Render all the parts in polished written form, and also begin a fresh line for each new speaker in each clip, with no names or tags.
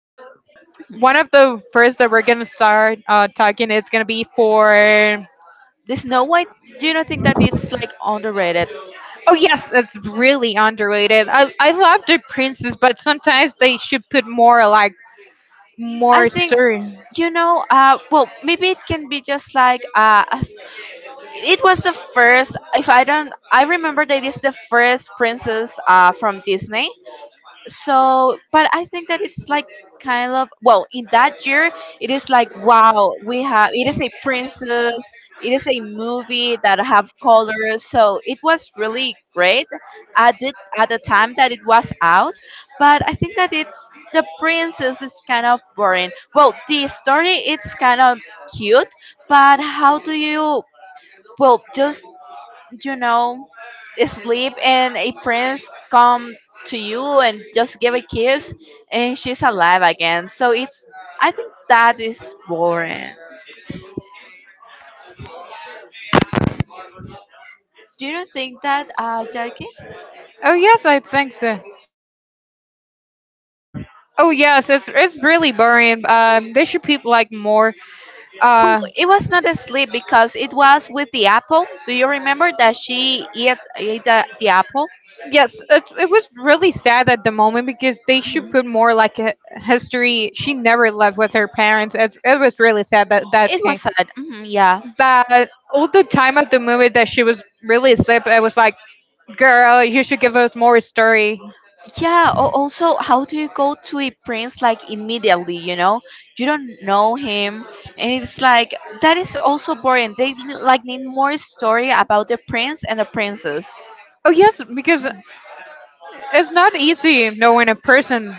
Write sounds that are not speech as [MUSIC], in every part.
So one of the first that we're gonna start talking is gonna be for.
The Snow White, do you not think that it's like underrated?
Oh yes, it's really underrated. I love the princes, but sometimes they should put more like
I
more
think,
story.
you know, uh, well, maybe it can be just like as it was the first. If I don't, I remember that it is the first princess from Disney, so but I think that it's like kind of well, in that year, it is like wow, we have, it is a princess, it is a movie that have colors, so it was really great at it at the time that it was out. But I think that it's the princess is kind of boring. Well, the story it's kind of cute, but how do you, well, just you know, sleep and a prince come to you and just give a kiss and she's alive again. So it's, I think that is boring. Do you think that, Jackie?
Oh yes, I think so. Oh yes, it's really boring. They should put like more.
Well,
Uh,
it was not a sleep because it was with the apple. Do you remember that she ate the apple?
yes, it was really sad at the moment because they should
Mhm.
put more like a history. She never lived with her parents. It was really sad that
It
came.
was sad. Hmm, yeah.
But all the time at the movie that she was really asleep, I was like, girl, you should give us more story.
Yeah, also how do you go to a prince like immediately, you know, you don't know him, and it's like that is also boring. They like need more story about the prince and the princess.
Oh, yes, because it's not easy knowing a person.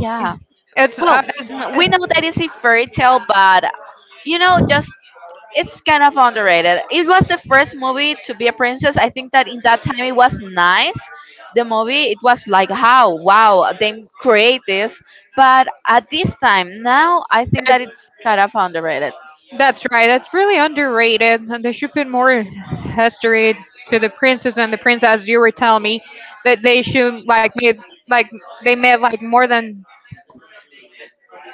Yeah.
It's.
Well, we
It-
know that it's a fairy tale, but you know, just it's kind of underrated. It was the first movie to be a princess. I think that in that time it was nice. The movie, it was like, how, wow, they create this. But at this time, now, I think that
it's
it's kind of underrated.
That's right. That's really underrated. And there should be more history to the princes and the prince, as you were telling me, that they should like meet like they met like more than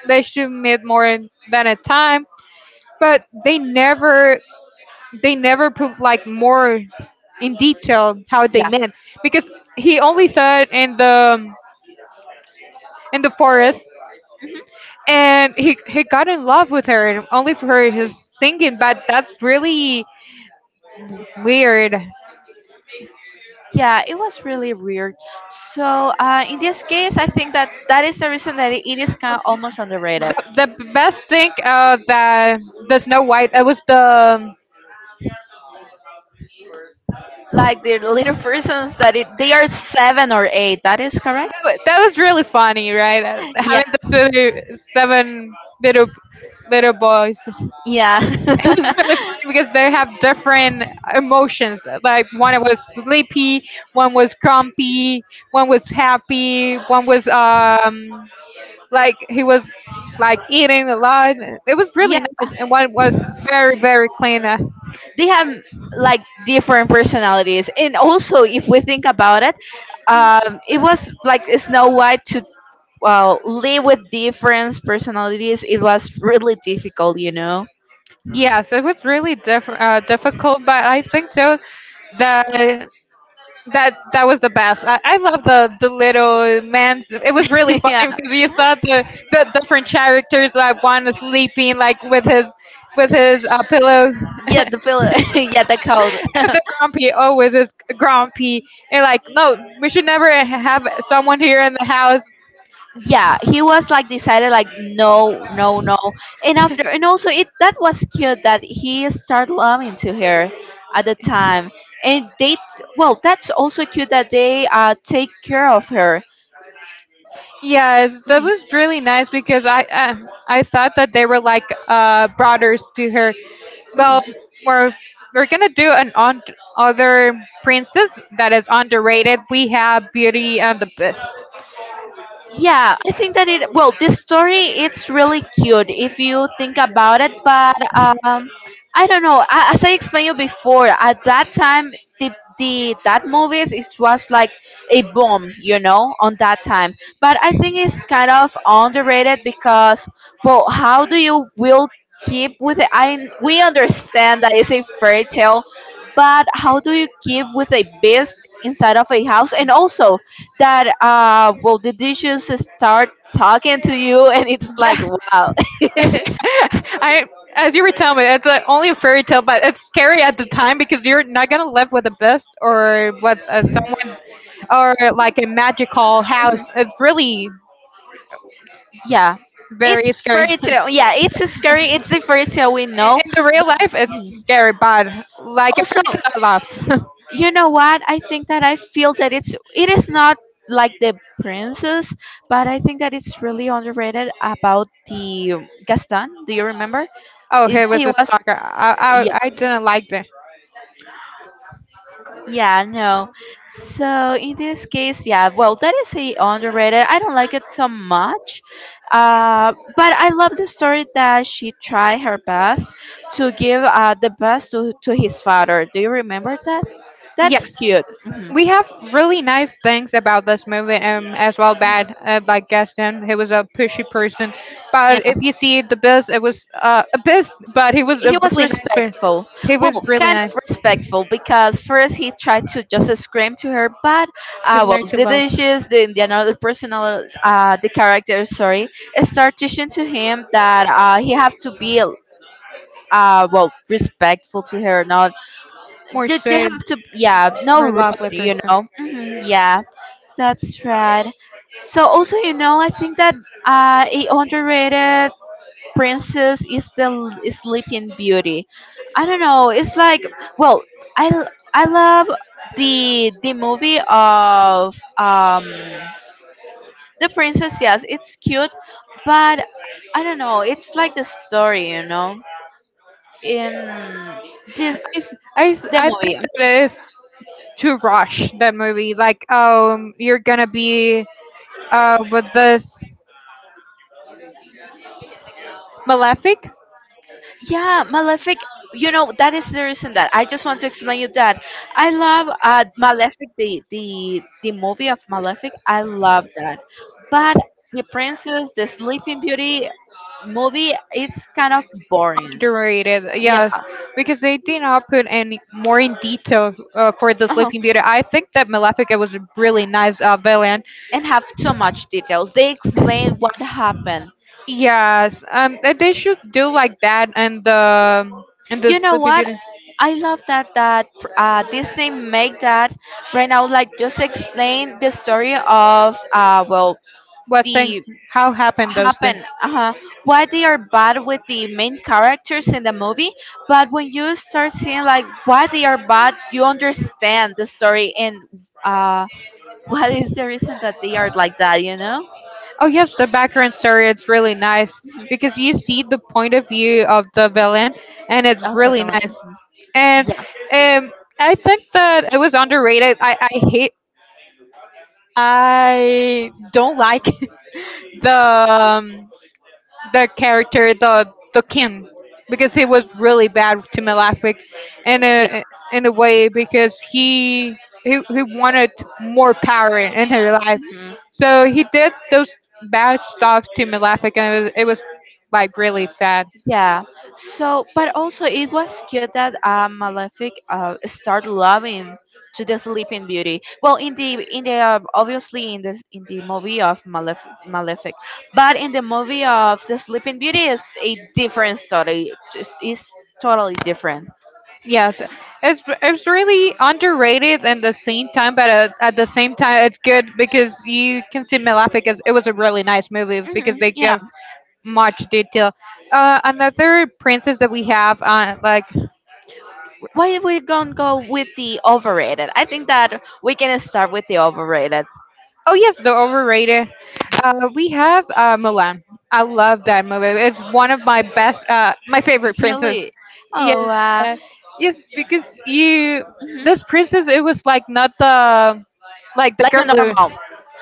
they should meet more than a time, but they never put like more in detail how they
Yeah.
met because he only saw it in the forest and he got in love with her only for his singing, but that's really weird.
Yeah, it was really weird. So in this case, I think that that is the reason that it is kind of almost
the
underrated.
the best thing that the Snow White that was the
Like the little persons that it, they are seven or eight. That is correct.
that was really funny, right?
Yeah.
Having the silly seven little little boys.
Yeah.
It was really funny
[LAUGHS]
because they have different emotions. Like one was sleepy, one was grumpy, one was happy, one was like he was like eating a lot. It was
Yeah,
really nice, and one was very very clean.
they have like different personalities, and also if we think about it, it was like Snow White to, well, live with different personalities, it was really difficult, you know.
Yes, it was really difficult, but I think so that that was the best. I love the little man's. It was
[LAUGHS]
really
Yeah,
funny because you saw the different characters like one sleeping like with his with his pillow, [LAUGHS]
yeah, the pillow. [LAUGHS] Yeah, the cold.
and the
[LAUGHS]
grumpy always is grumpy and like no, we should never have someone here in the house.
Yeah, he was like decided, like no, no, no. And after, and also it, that was cute that he started loving to her at the time, and well, that's also cute that they take care of her.
Yes, that
Hmm.
was really nice because I thought that they were like brothers to her. Well, we're we're gonna do an on other princess that is
Hmm,
underrated. We have Beauty and the Beast.
yeah, I think that it, well, this story, it's really cute if you think about it, but I don't know. I, as I explained you before, at that time, the, the that movies, it was like a boom, you know, on that time. But I think it's kind of underrated because, well, how do you will keep with it? I, we understand that it's a fairy tale, but how do you keep with a beast inside of a house, and also that well the dishes start talking to you [LAUGHS] and it's like
Yeah.
wow. [LAUGHS]
[LAUGHS] I as you were telling me, it's only a fairy tale, but it's scary at the time because you're not gonna live with a beast or with someone
Mhm.
or like a magical house. It's really
Yeah,
very
it's
scary.
fairy
[LAUGHS]
tale. Yeah, it's a scary, it's a fairy tale, we know.
In the real life, it's
Mhm.
scary, but like a
Also,
fairy tale love.
you know what, I think that I feel that it's, it is not like the princess, but I think that it's really underrated about the Gaston, do you remember?
[LAUGHS] Oh,
It
he was
He
a
was,
stalker. I,
yeah,
I I didn't like that.
yeah, no, so in this case, yeah, well that is a underrated, I don't like it so much. But I love the story that she tried her best to give the best to his father. Do you remember that? That's
Yes,
cute. Hmm.
we have really nice things about this movie, as well bad like Gaston, he was a pushy person,
Yeah,
but if you see the Biz, it was a Biz, but he was a
he was
really nice person.
respectful.
He was
Well,
really
kind
nice.
of respectful because first he tried to just scream to her, but
He
well,
learned to
the
love.
dishes, the another personal the character, sorry, start teaching to him that he have to be well respectful to her. Not
More
they
sweet,
have to, yeah, no,
more
rude,
lovely
you
person.
know. Hmm, yeah, that's right. So also, you know, I think that he underrated princess is the Sleeping Beauty. I don't know. It's like, well, I love the movie of the princess. Yes, it's cute, but I don't know. It's like the story, you know, in
I,
this
s- I s-
the
I
movie.
think that it is too rush that movie. Like, you're gonna be with this malefic.
Yeah, Malefic. You know that is the reason that I just want to explain you that I love Malefic, the movie of Malefic. I love that, but the Princess, the Sleeping Beauty movie, it's kind of boring.
Underrated.
Yeah,
Yes, because they did not put any more in detail for the
uh-huh.
Sleeping Beauty. I think that Malefica was a really nice villain.
And have too much details. They explain what happened.
Yes, and they should do like that and the
You know
Sleeping
what?
Beauty.
I love that that Disney make that right now. Like just explain the story of well
What things?
the
How happened those things?
happen, why they are bad with the main characters in the movie, but when you start seeing like why they are bad, you understand the story, and uh, what is the reason that they are like that, you know.
Oh yes, the background story. It's really nice
Mhm.
because you see the point of view of the villain, and it's
Oh
really
definitely.
nice.
Mhm.
And um, I think that it was underrated. I hate. I don't like [LAUGHS] the um, the character the Kim because he was really bad to Malefic in
Yeah, yeah.
a way because he wanted more power in her life
Mhm.
so he did those bad stuff to Malefic and it was like really sad.
Yeah. So, but also it was cute that Malefic started loving to the Sleeping Beauty. Well, in the obviously in this in the movie of Malefic, but in the movie of the Sleeping Beauty is a different story. Just is totally different.
Yes, it's really underrated and the same time, but at the same time, it's good because you can see Malefic as it was a really nice movie
Hmm.
because they
Yeah.
give much detail. Another princess that we have on like.
Why we gonna go with the overrated? I think that we can start with the overrated.
Oh yes, the overrated. We have Mulan. I love that movie. It's one of my best, my favorite princess.
Really?
Yeah,
Oh,
uh, yes, because you
mhm.
this princess, it was like not the like the
Like
girl
the
who,
normal,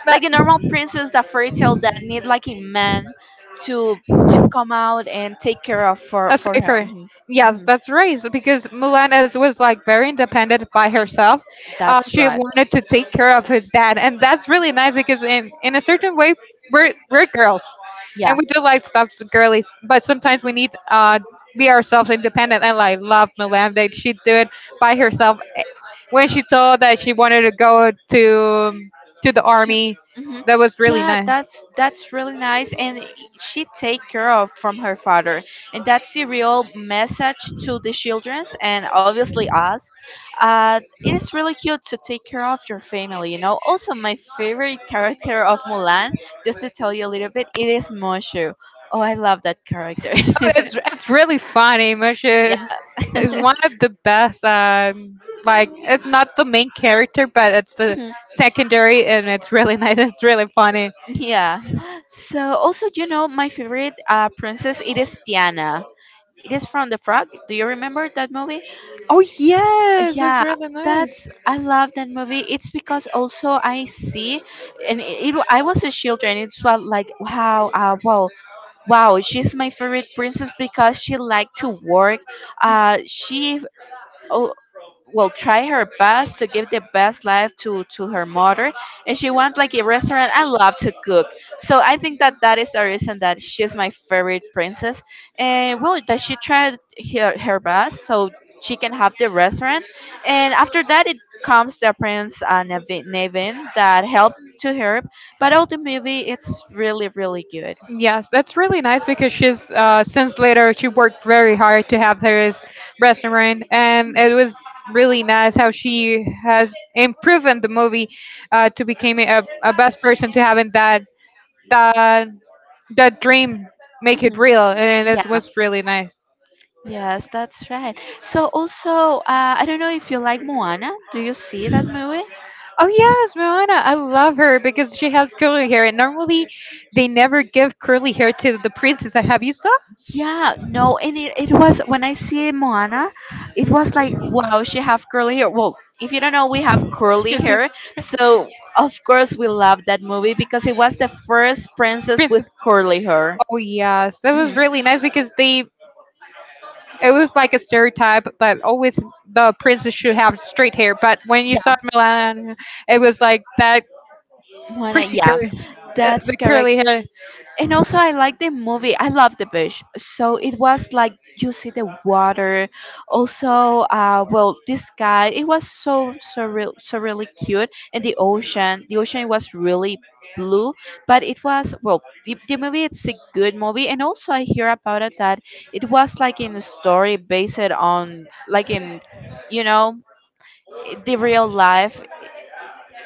not
like the normal princess that fairy tale that need like a man to to come out and take care of
a
for her.
safer.
Mhm,
Yes
mhm.
that's right so because mulan was like very independent by herself.
That's
She
right.
wanted to take care of his dad and that's really nice because in a certain way we're girls
Yeah.
and we do like stuff girly but sometimes we need be ourselves independent and like love mulan that she do it by herself. When she told that she wanted to go to the
To,
army
mhm.
that was really
Yeah,
nice.
that's really nice, and she take care of from her father, and that's the real message to the children and obviously us. It is really cute to take care of your family, you know. Also, my favorite character of Mulan, just to tell you a little bit, it is Mushu. Oh, I love that character.
Oh, it's
[LAUGHS]
it's really funny.
Yeah.
Mushu
[LAUGHS]
is one of the best. Like it's not the main character, but it's the
Mhm.
secondary, and it's really [LAUGHS] nice. It's really funny.
Yeah. So also, you know, my favorite princess it is Tiana. It is from The Frog. Do you remember that movie?
Oh yes, it's
Yeah,
really nice.
that's, I love that movie. It's because also I see, and it, I was a child, and it's felt like wow, wow, wow. She's my favorite princess because she liked to work. She oh, will try her best to give the best life to her mother, and she wants like a restaurant. I love to cook, so I think that that is the reason that she's my favorite princess, and well, that she tried her best so she can have the restaurant, and after that it comes the prince Navin that helped to her. But all the movie it's really really good.
Yes, that's really nice because she's since later she worked very hard to have her as restaurant, and it was really nice how she has improved in the movie to become a best person to having that that that dream make it
Mhm.
real and
Yeah.
it was really nice.
Yes, that's right. So also, I don't know if you like Moana. Do you see that movie?
Oh yes moana I love her because she has curly hair and normally they never give curly hair to the princess have you saw.
Yeah,
[LAUGHS]
no, and it was when I see Moana, it was like wow, she have curly hair. Well, if you don't know, we have curly hair, so of course we love that movie because it was the first princess
Princess
with curly hair.
oh yes that
Hmm.
was really nice because they it was like a stereotype but always the princess should have straight hair but when you
Yeah,
saw milan it was like that
Moana.
pretty
Yeah,
curly,
that's
the
correct.
curly hair.
And also, I like the movie. I love the bush. So it was like you see the water. Also, well, this guy, it was so surreal, so really cute. And the ocean was really blue. But it was, well, the movie. It's a good movie. And also, I hear about it that it was like in a story based on like in, you know, the real life.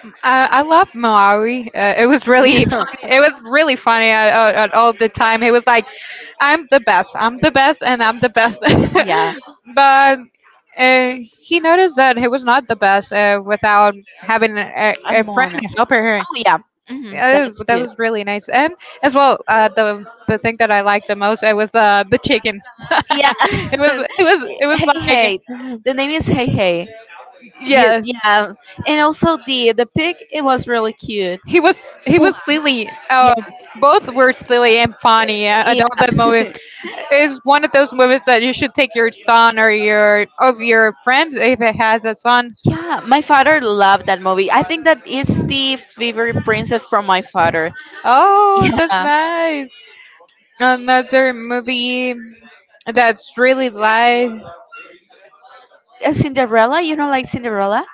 I love Maui. It was
[LAUGHS]
really, [LAUGHS] fun.
Yeah.
It was really funny at all the time. He was like, "I'm the best. I'm the best, and I'm the best."
Yeah.
[LAUGHS] but uh, he noticed that he was not the best without having a,
I'm
a friend
mono.
to help her.
Oh yeah. Hmm, that's
That
good.
was really nice, and as well, the thing that I liked the most it was the chicken. [LAUGHS]
Yeah.
it was
[LAUGHS]
it was it was
Hey,
like
hey. The name is Hey Hey. You,
yeah.
yeah. And also the pig, it was really cute.
he was he
Boo.
was silly.
Yeah.
Both were silly and funny. I love that movie.
[LAUGHS]
It's one of those movies that you should take your son or your of your friend if it has a son.
Yeah. Yeah, my father loved that movie. I think that it's the favorite princess from my father.
Oh,
Yeah.
that's nice. Another movie that's really light.
Cinderella, you know, like Cinderella?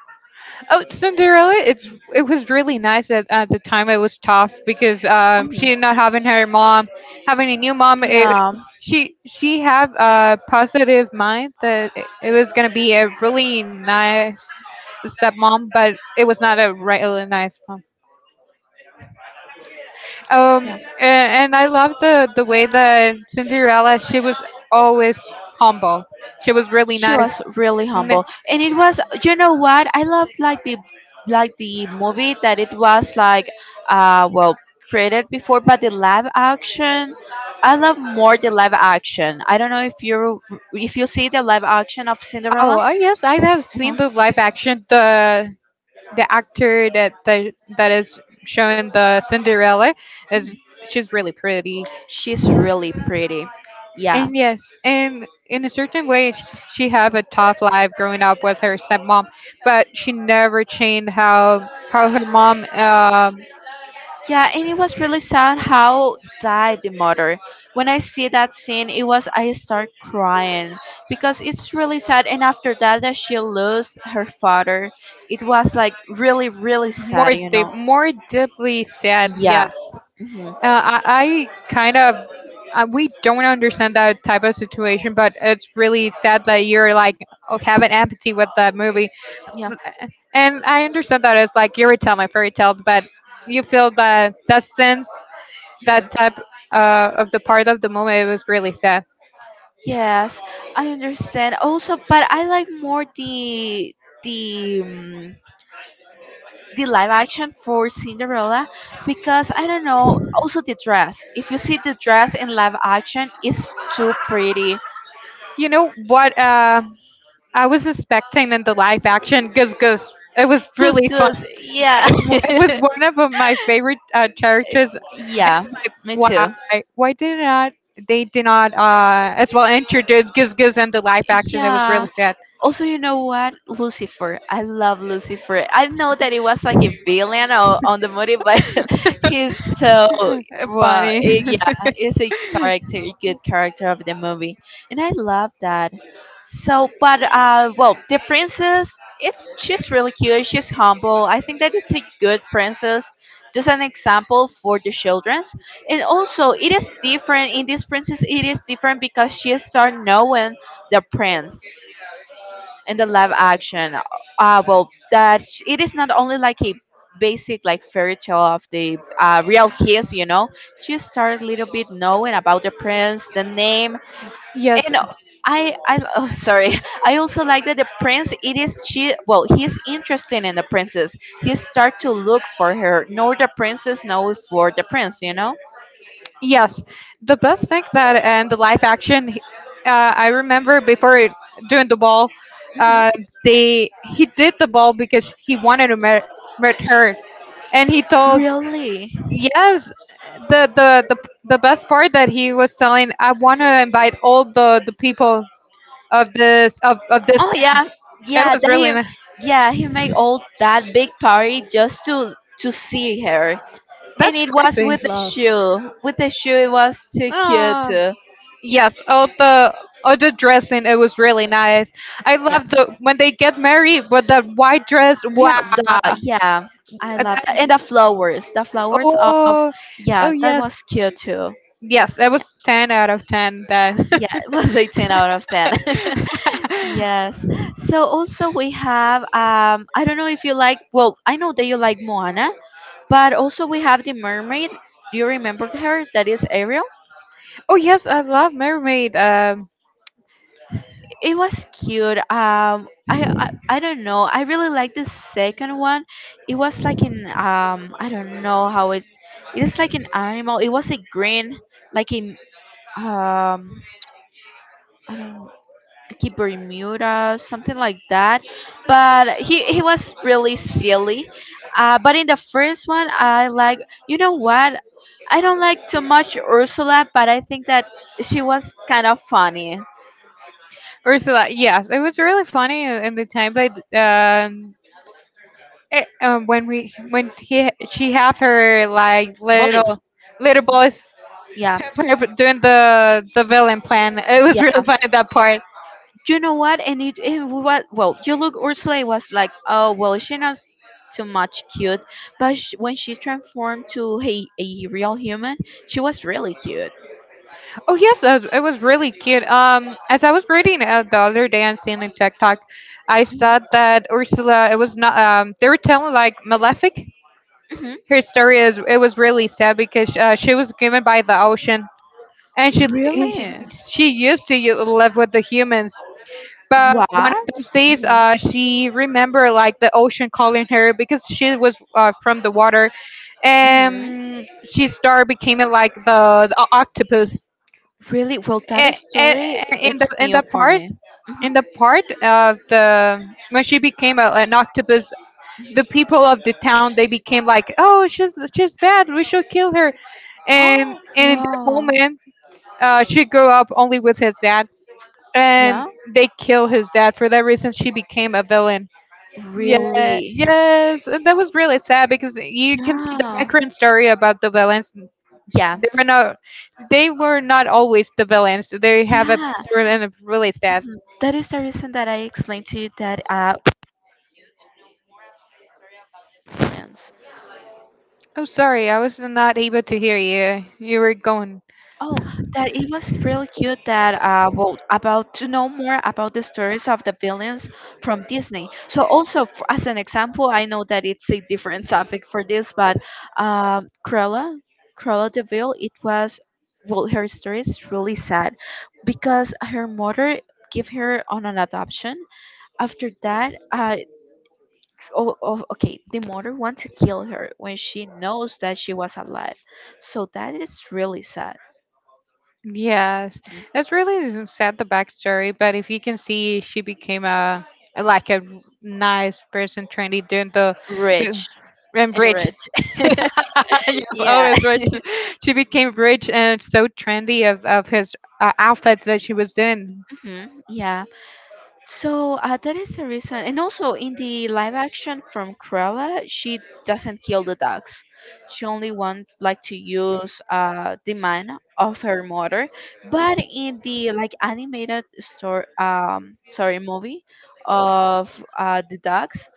Oh, Cinderella! It was really nice at the time. It was tough because
Mhm.
she not having her mom, having a new mom. It,
Yeah.
she had a positive mind that it was gonna be a really nice stepmom, but it was not a really nice mom. And I loved the way that
Yeah.
Cinderella. She was always humble. She was really
She
nice.
was really
N-
humble, and it was, you know what I loved, like the, like the movie that it was like well created before, but the live action, I love more the live action. I don't know if you see the live action of
Oh,
Cinderella.
yes, I have seen
Mhm,
the live action, the actor that is showing the Cinderella is
mhm.
she's really pretty.
She's really pretty. Yeah.
And yes, and in a certain way, she have a tough life growing up with her stepmom, but she never changed how her mom
Yeah, and it was really sad how died the mother. When I see that scene, it was I start crying because it's really sad. And after that, that she lost her father, it was like really, really
more
sad. You know?
more deeply said
Yeah.
yes.
Hmm.
Uh, I kind of we don't understand that type of situation, but it's really sad that you're like oh, having empathy with that movie.
Yeah.
And I understand that it's like your tale, my fairy tale, but you feel that sense,
Mhm.
that type of the part of the moment, it was really sad.
Yes, I understand. Also, but I like more the. The live action for Cinderella, because I don't know. Also, the dress. If you see the dress in live action, it's too pretty.
You know what? I was expecting in the live action Goose Goose. It was
Goose,
really fun.
goose. Yeah.
It was
[LAUGHS]
one of my favorite characters, and
Yeah.
it's like,
Me too.
why? Why did not they did not as well introduce Goose Goose in the live action? It was
Yeah.
really sad,
Also, you know what? Lucifer. I love Lucifer. I know that it was like a villain on the movie, but [LAUGHS] he's so
[LAUGHS]
well,
funny.
yeah, he's a character, a good character of the movie, and I
[LAUGHS]
love that. So, but well, the princess, it's she's really cute. She's humble. I think that it's a good princess, just an example for the childrens. And also, it is different in this princess. It is different because she start knowing the prince in the live action well it is not only like a basic like fairy tale of the real kiss, she start a little bit knowing about the prince, the name.
Yes.
And I oh, sorry, [LAUGHS] I also like that the prince it is she well, he's interested in the princess. He start to look for her nor the princess know for the prince, you know.
Yes, the best thing that and the live action, I remember before it, doing the ball,
Hmm.
uh, they he did the ball because he wanted to meet her, and he told
Really?
yes. The, the the the best part that he was telling, I want to invite all the people of this of this.
Oh yeah,
It
yeah.
was
That
really
he,
nice.
yeah, he made all that big party just to see her, and
That's
it was
crazy,
with the
love.
shoe. With the shoe, it was too cute.
Oh,
Too.
yes. Oh, the dressing. It was really nice. I
Yeah,
love the when they get married with that white dress.
yeah,
Wow.
yeah.
And
I love that, and the flowers. The flowers of,
Oh,
yeah,
oh
that
yes,
was cute too.
yes. That was 10 out of 10. Then.
Yeah, it was a 10 out of 10. [LAUGHS]
[LAUGHS]
Yes. So also we have I don't know if you like, well, I know that you like Moana. But also we have the mermaid. Do you remember her? That is Ariel.
Oh yes, I love Mermaid.
It was cute. I don't know. I really like the second one. It was like an I don't know how it. It is like an animal. It was a green, like in um I don't. Keep Bermuda, something like that. But he was really silly. But in the first one, I like, you know what? I don't like too much Ursula, but I think that she was kind of funny.
Ursula. Yes, it was really funny in the time they um when we when he she have her like
Voice.
little boys
Yeah.
doing the villain plan. It was
Yeah.
really fun at that part.
You know what? And it was, well, you look, Ursula was like, oh well, she not too much cute, but sh when she transformed to a real human, she was really cute.
Oh yes, it was really cute. As I was reading the other day and seeing in TikTok, I saw that Ursula, it was not they were telling like malefic,
Mhm. Mhm.
her story is, it was really sad because she was given by the ocean, and she,
Really?
she used to live with the humans. But one of
What?
those days,
Mhm.
she remember like the ocean calling her because she was from the water,
Mhm.
and she started becoming like the octopus.
Really? Well, that
And,
is story,
in the
it's
in
new
the
for
part,
me. Hmm.
in the part of the, when she became an octopus, the people of the town, they became like, oh, she's bad. We should kill her. And,
Oh,
and in that
wow.
moment, she grew up only with his dad, and
Yeah?
they kill his dad. For that reason, she became a villain. Yeah,
Really?
yes, and that was really sad because you can see the
Yeah.
background story about the villains. They
Yeah.
were not, they were not always the villains. They have a
Yeah.
backstory and it's really sad.
Mhm. That is the reason that I explained to you that uh,
Oh sorry, I was not able to hear you, you were going.
oh, that it was really cute that well about to know more about the stories of the villains from Disney. So also f as an example, I know that it's a different topic for this, but Cruella, Cruella de Vil, it was, well, her story is really sad because her mother gave her on an adoption. After that, oh, oh okay, the mother want to kill her when she knows that she was alive. So that is really sad.
Yes, that's really sad, the backstory. But if you can see, she became a, like a nice person, trendy, doing the,
Rich
and
and
rich. [LAUGHS]
rich. [LAUGHS]
Yep,
Yeah.
always rich. She became rich and so trendy of his outfits that she was doing.
Hmm. Yeah. So that is the reason. And also in the live action from Cruella, she doesn't kill the dogs. She only want like to use the mind of her mother. But in the like animated store, sorry, movie of the dogs,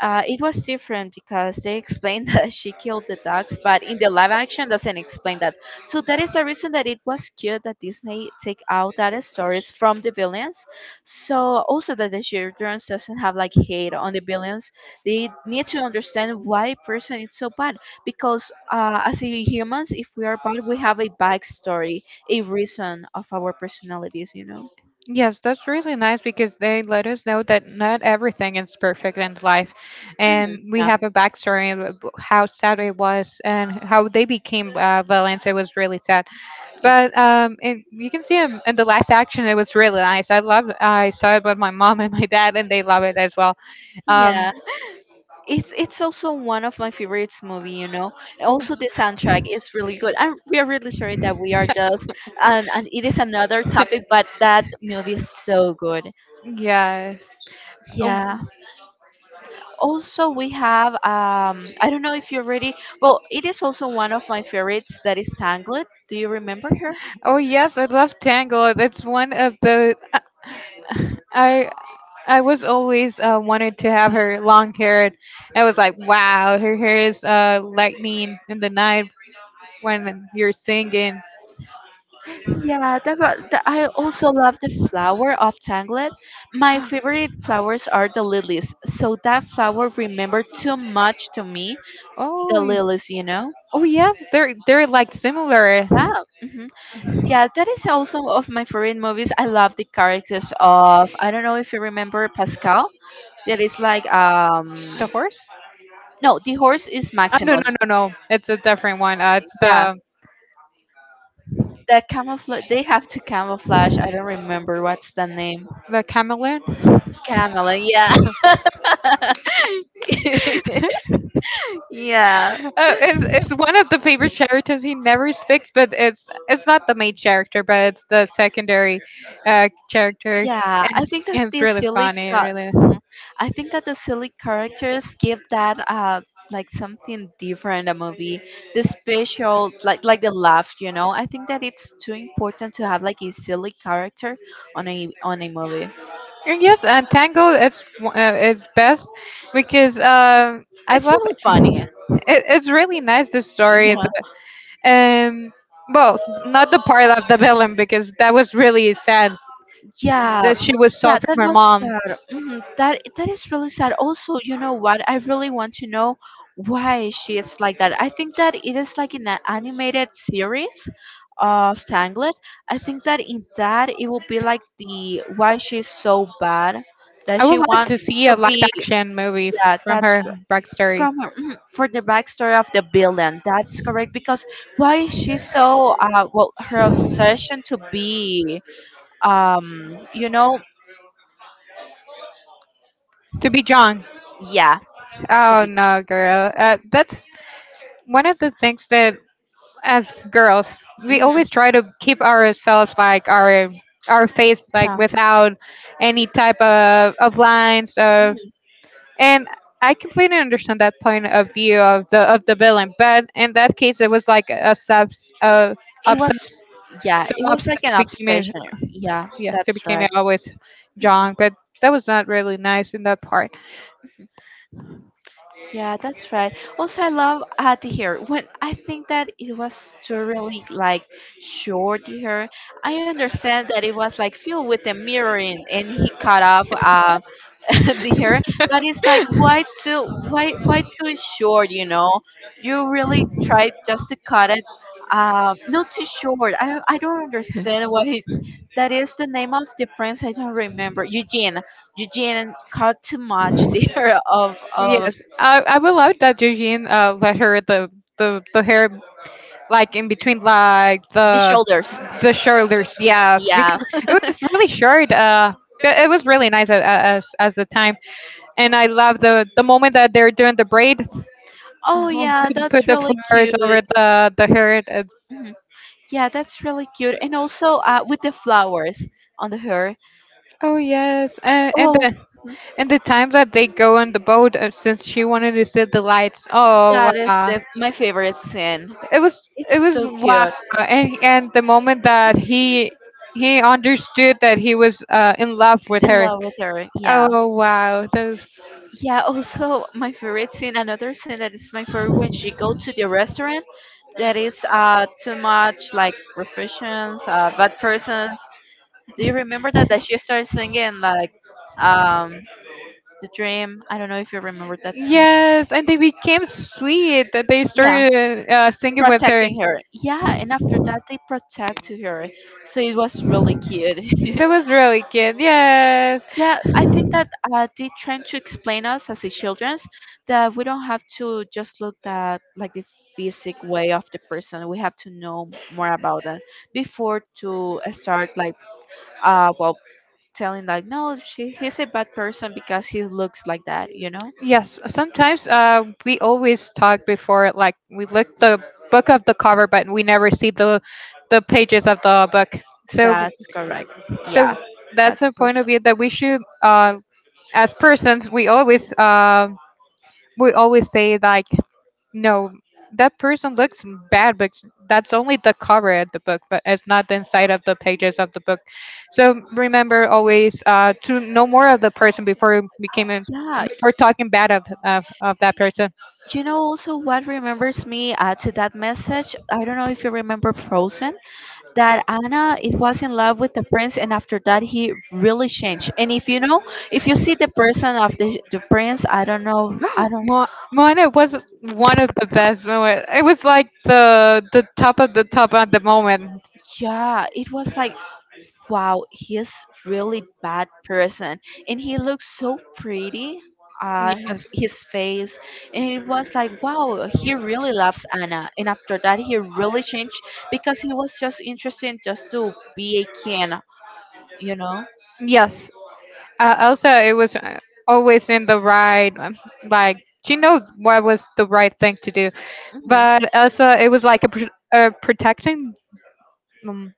It was different because they explained [LAUGHS] that she killed the dogs, but in the live action doesn't explain that. So that is the reason that it was cute that Disney take out that stories from the villains. So also that the children doesn't have like hate on the villains. They need to understand why person is so bad because as a humans, if we are bad, we have a backstory, a reason of our personalities. You know.
Yes, that's really nice because they let us know that not everything is perfect in life,
Hmm.
and we
Yeah.
have a backstory of how sad it was and how they became villains. It was really sad,
Yeah.
but and you can see in the live action, it was really nice. I love. I saw it with my mom and my dad, and they love it as well.
Yeah.
Um,
It's also one of my favorites movie, you know. And also the soundtrack is really good. And we are really sorry that we are just and it is another topic, but that movie is so good.
yes. Oh,
Yeah. Also we have I don't know if you already, well, it is also one of my favorites that is Tangled. Do you remember her?
oh yes, I love Tangle. That's one of the, I I was always wanted to have her long hair. I was like, wow, her hair is lightning in the night when you're singing.
Yeah, that I also love the flower of Tangled. My favorite flowers are the lilies. So that flower remembered too much to me, the
Oh, y-
lilies, you know?
oh yes, they're like similar.
Yeah. Hmm. Yeah, that is also of my favorite movies. I love the characters of, I don't know if you remember, Pascal. That is like
The horse?
no, the horse is
Oh, no, no,
Maximus.
no, no. It's a different one. It's
Yeah.
the
The camouflage, they have to camouflage. I don't remember what's the name.
the chameleon.
Camela, yeah. [LAUGHS] [LAUGHS] Yeah.
Uh, it's, it's one of the favorite characters. He never speaks, but it's not the main character, but it's the secondary character,
Yeah,
and
I think
[LAUGHS]
that
it's
the
really
silly
funny. Really,
Mhm. I think that the silly characters give that like something different a movie. The special like the laugh, you know. I think that it's too important to have like a silly character on a movie.
and yes, and Tangled, it's it's best because I
It's
love
really
[SIGHS]
funny.
it, it's really nice the story. It's
Yeah.
um well, not the part of the villain because that was really sad
Yeah,
that she was
yeah,
sold from
that
her
was
mom.
sad. Hmm. That that is really sad. Also, you know what? I really want to know why she is like that. I think that it is like in an animated series of Tangled. I think that in that it will be like the why she's so bad that
I would
she
like
wants
to see
to
a live
be.
action movie
Yeah,
from her backstory
from her, mhm, for the backstory of the villain. That's correct because why is she so well, her obsession to be, you know.
to be John.
Yeah, to
Oh
be.
no, girl. That's one of the things that as girls, we
Hmm.
always try to keep ourselves like our face, like
Yeah.
without any type of lines
Mhm.
of, and I completely understand that point of view of the villain, but in that case it was like a subs, uh,
It was,
obsessed,
yeah,
so
it was like
obsessed
an
to became,
obsession. Yeah,
yes, to
that's
became
right.
always John, but that was not really nice in that part.
Yeah, that's right. Also, I love Hattie hair. When I think that it was too really like short hair, I understand that it was like filled with the mirror, and he cut off [LAUGHS] the hair. That is like why too, why too short, you know. You really tried just to cut it, not too short. I don't understand why. That is the name of the prince, I don't remember, Eugene. Eugene cut too much the [LAUGHS] hair of
Yes, I would love that Eugene let her the, the hair like in between like
the
the
shoulders,
the shoulders. Yes,
yeah.
because it was really short. But it was really nice as the time, and I love the moment that they're doing the braids.
Oh
Oh,
yeah,
they put
that's
the
really
flowers
cute.
over the hair. Uh,
Mhm. Yeah, that's really cute, and also with the flowers on the hair.
oh yes, and
Oh,
the, and the time that they go on the boat, since she wanted to see the lights. Oh
that is
wow.
the my favorite scene.
It was,
It's
it was
so
wow.
cute.
And the moment that he understood that he was in love with
In
her.
love with her. Yeah.
Oh wow, those.
Yeah, [LAUGHS] also my favorite scene, another scene that is my favorite, when she go to the restaurant that is too much like professions, bad persons. Do you remember that that she starts singing like, um the dream? I don't know if you remember that scene.
Yes, and they became sweet that they
Yeah,
started singing with her.
protecting her. Yeah, and after that they protect to her. So it was really cute.
That
[LAUGHS]
was really cute, yes.
Yeah, I think that they trying to explain us as a childrens that we don't have to just look at like the physic way of the person. We have to know more about them before to start like well telling like, no, she, he's a bad person because he looks like that. You know.
Yes, sometimes we always talk before like, we look the book of the cover but we never see the pages of the book, so,
That's correct. Yeah,
so that's
that's
a
so
point
true.
of view that we should, as persons, we always say like, no, that person looks bad, but that's only the cover of the book, but it's not the inside of the pages of the book. So remember always to know more of the person before you became a,
Yeah,
before talking bad of that person.
you know also what remembers me to that message. I don't know if you remember Frozen, that Anna it was in love with the prince and after that he really changed. And if you know, if you see the person of the prince, I don't know, I
[GASPS]
don't.
Mo- Moana was one of the best moment. It was like the top of the top at the moment.
Yeah, it was like wow, he is really bad person. And he looks so pretty
Yes.
his face, and it was like wow, he really loves Anna, and after that he really changed because he was just interested just to be a king, you know.
Yes. Also, it was always in the right, like she knew what was the right thing to do.
Hmm.
But also, it was like a, a protecting, um,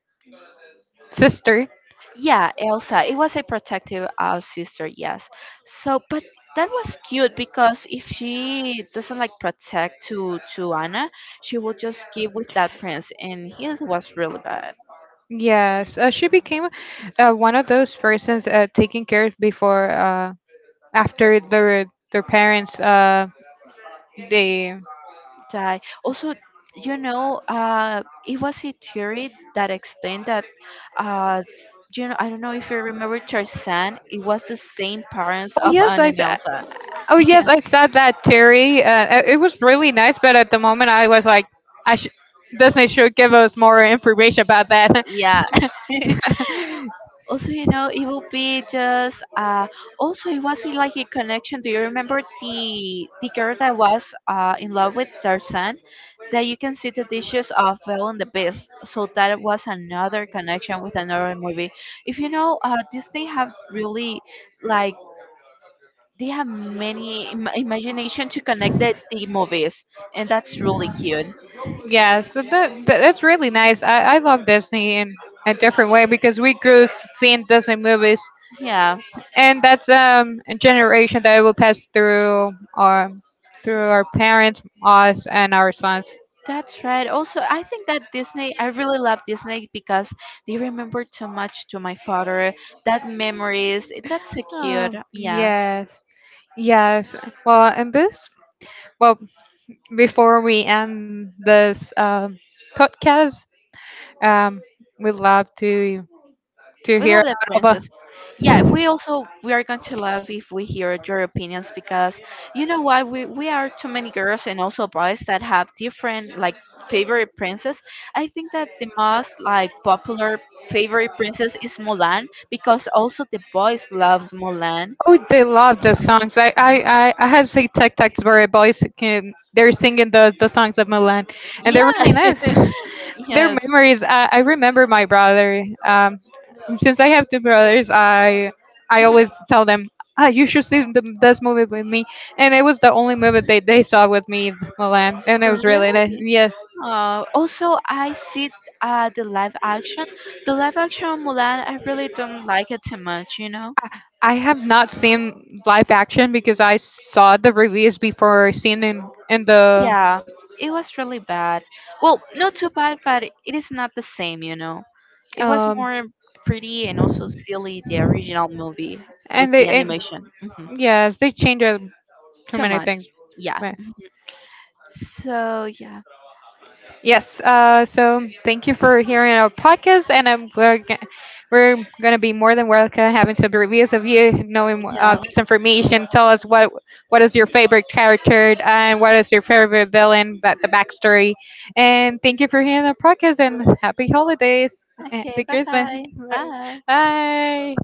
sister.
Yeah, Elsa. It was a protective sister, yes. So, but that was cute because if she doesn't like protect to Anna, she will just give with that prince, and his was really bad.
Yes, she became one of those persons taking care of before, after their parents. They.
Die. Also, you know, it was a theory that explained that, uh, you know, I don't know if you remember Tarzan. It was the same parents
Oh
of
yes,
Anna
I
and
said.
Elsa.
Oh yes, I
[LAUGHS]
said that Terry. It, it was really nice, but at the moment, I was like, I should. Disney should give us more information about that.
Yeah. [LAUGHS]
[LAUGHS]
Also, you know, it will be just also it was like a connection. Do you remember the girl that was in love with Tarzan, that you can see the dishes of Belle and the Beast. So that was another connection with another movie. If you know, Disney have really like, they have many imagination to connect the movies, and that's really cute.
Yeah, so that, that that's really nice. I love Disney in a different way because we grew seeing Disney movies,
Yeah.
and that's a generation that will pass through our, through our parents, us, and our sons.
That's right. Also, I think that Disney, I really love Disney because they remember so much to my father. That memories, that's so cute.
Oh
Yeah,
yes, yes. Well, and this, well, before we end this podcast, um, we'd love to
we
hear
love
a
that
bit of a.
princess. Yeah, we also we are going to love if we hear your opinions because you know what, we are too many girls and also boys that have different like favorite princess. I think that the most like popular favorite princess is Mulan because also the boys loves Mulan.
Oh, they love the
Yeah.
songs. I had say Tech Tech's where boys can, they're singing the songs of Milan, and they're
Yeah.
really nice.
[LAUGHS]
[LAUGHS] Their
Yes.
memories. I remember my brother. Since I have two brothers, I always tell them, ah, you should see the, this movie with me, and it was the only movie they saw with me, Milan, and it was really nice.
Really?
Yes.
Also, I see the live action. The live action of Mulan, I really don't like it too much, you know?
I have not seen live action because I saw the reviews before seeing in the,
Yeah, it was really bad. Well, not too bad, but it is not the same, you know? It was
um
more pretty and also silly, the original movie with
and
the
they and,
animation. Hmm.
yes, they change too
Too
many
much.
things.
Yeah.
Right.
So, yeah.
Yes. So thank you for hearing our podcast, and we're we're gonna be more than welcome having some reviews of you, knowing
Yeah.
this information. Tell us what is your favorite character and what is your favorite villain, but the backstory. And thank you for hearing our podcast, and happy holidays,
Okay,
happy Christmas.
bye-bye. Bye.
[LAUGHS] Bye.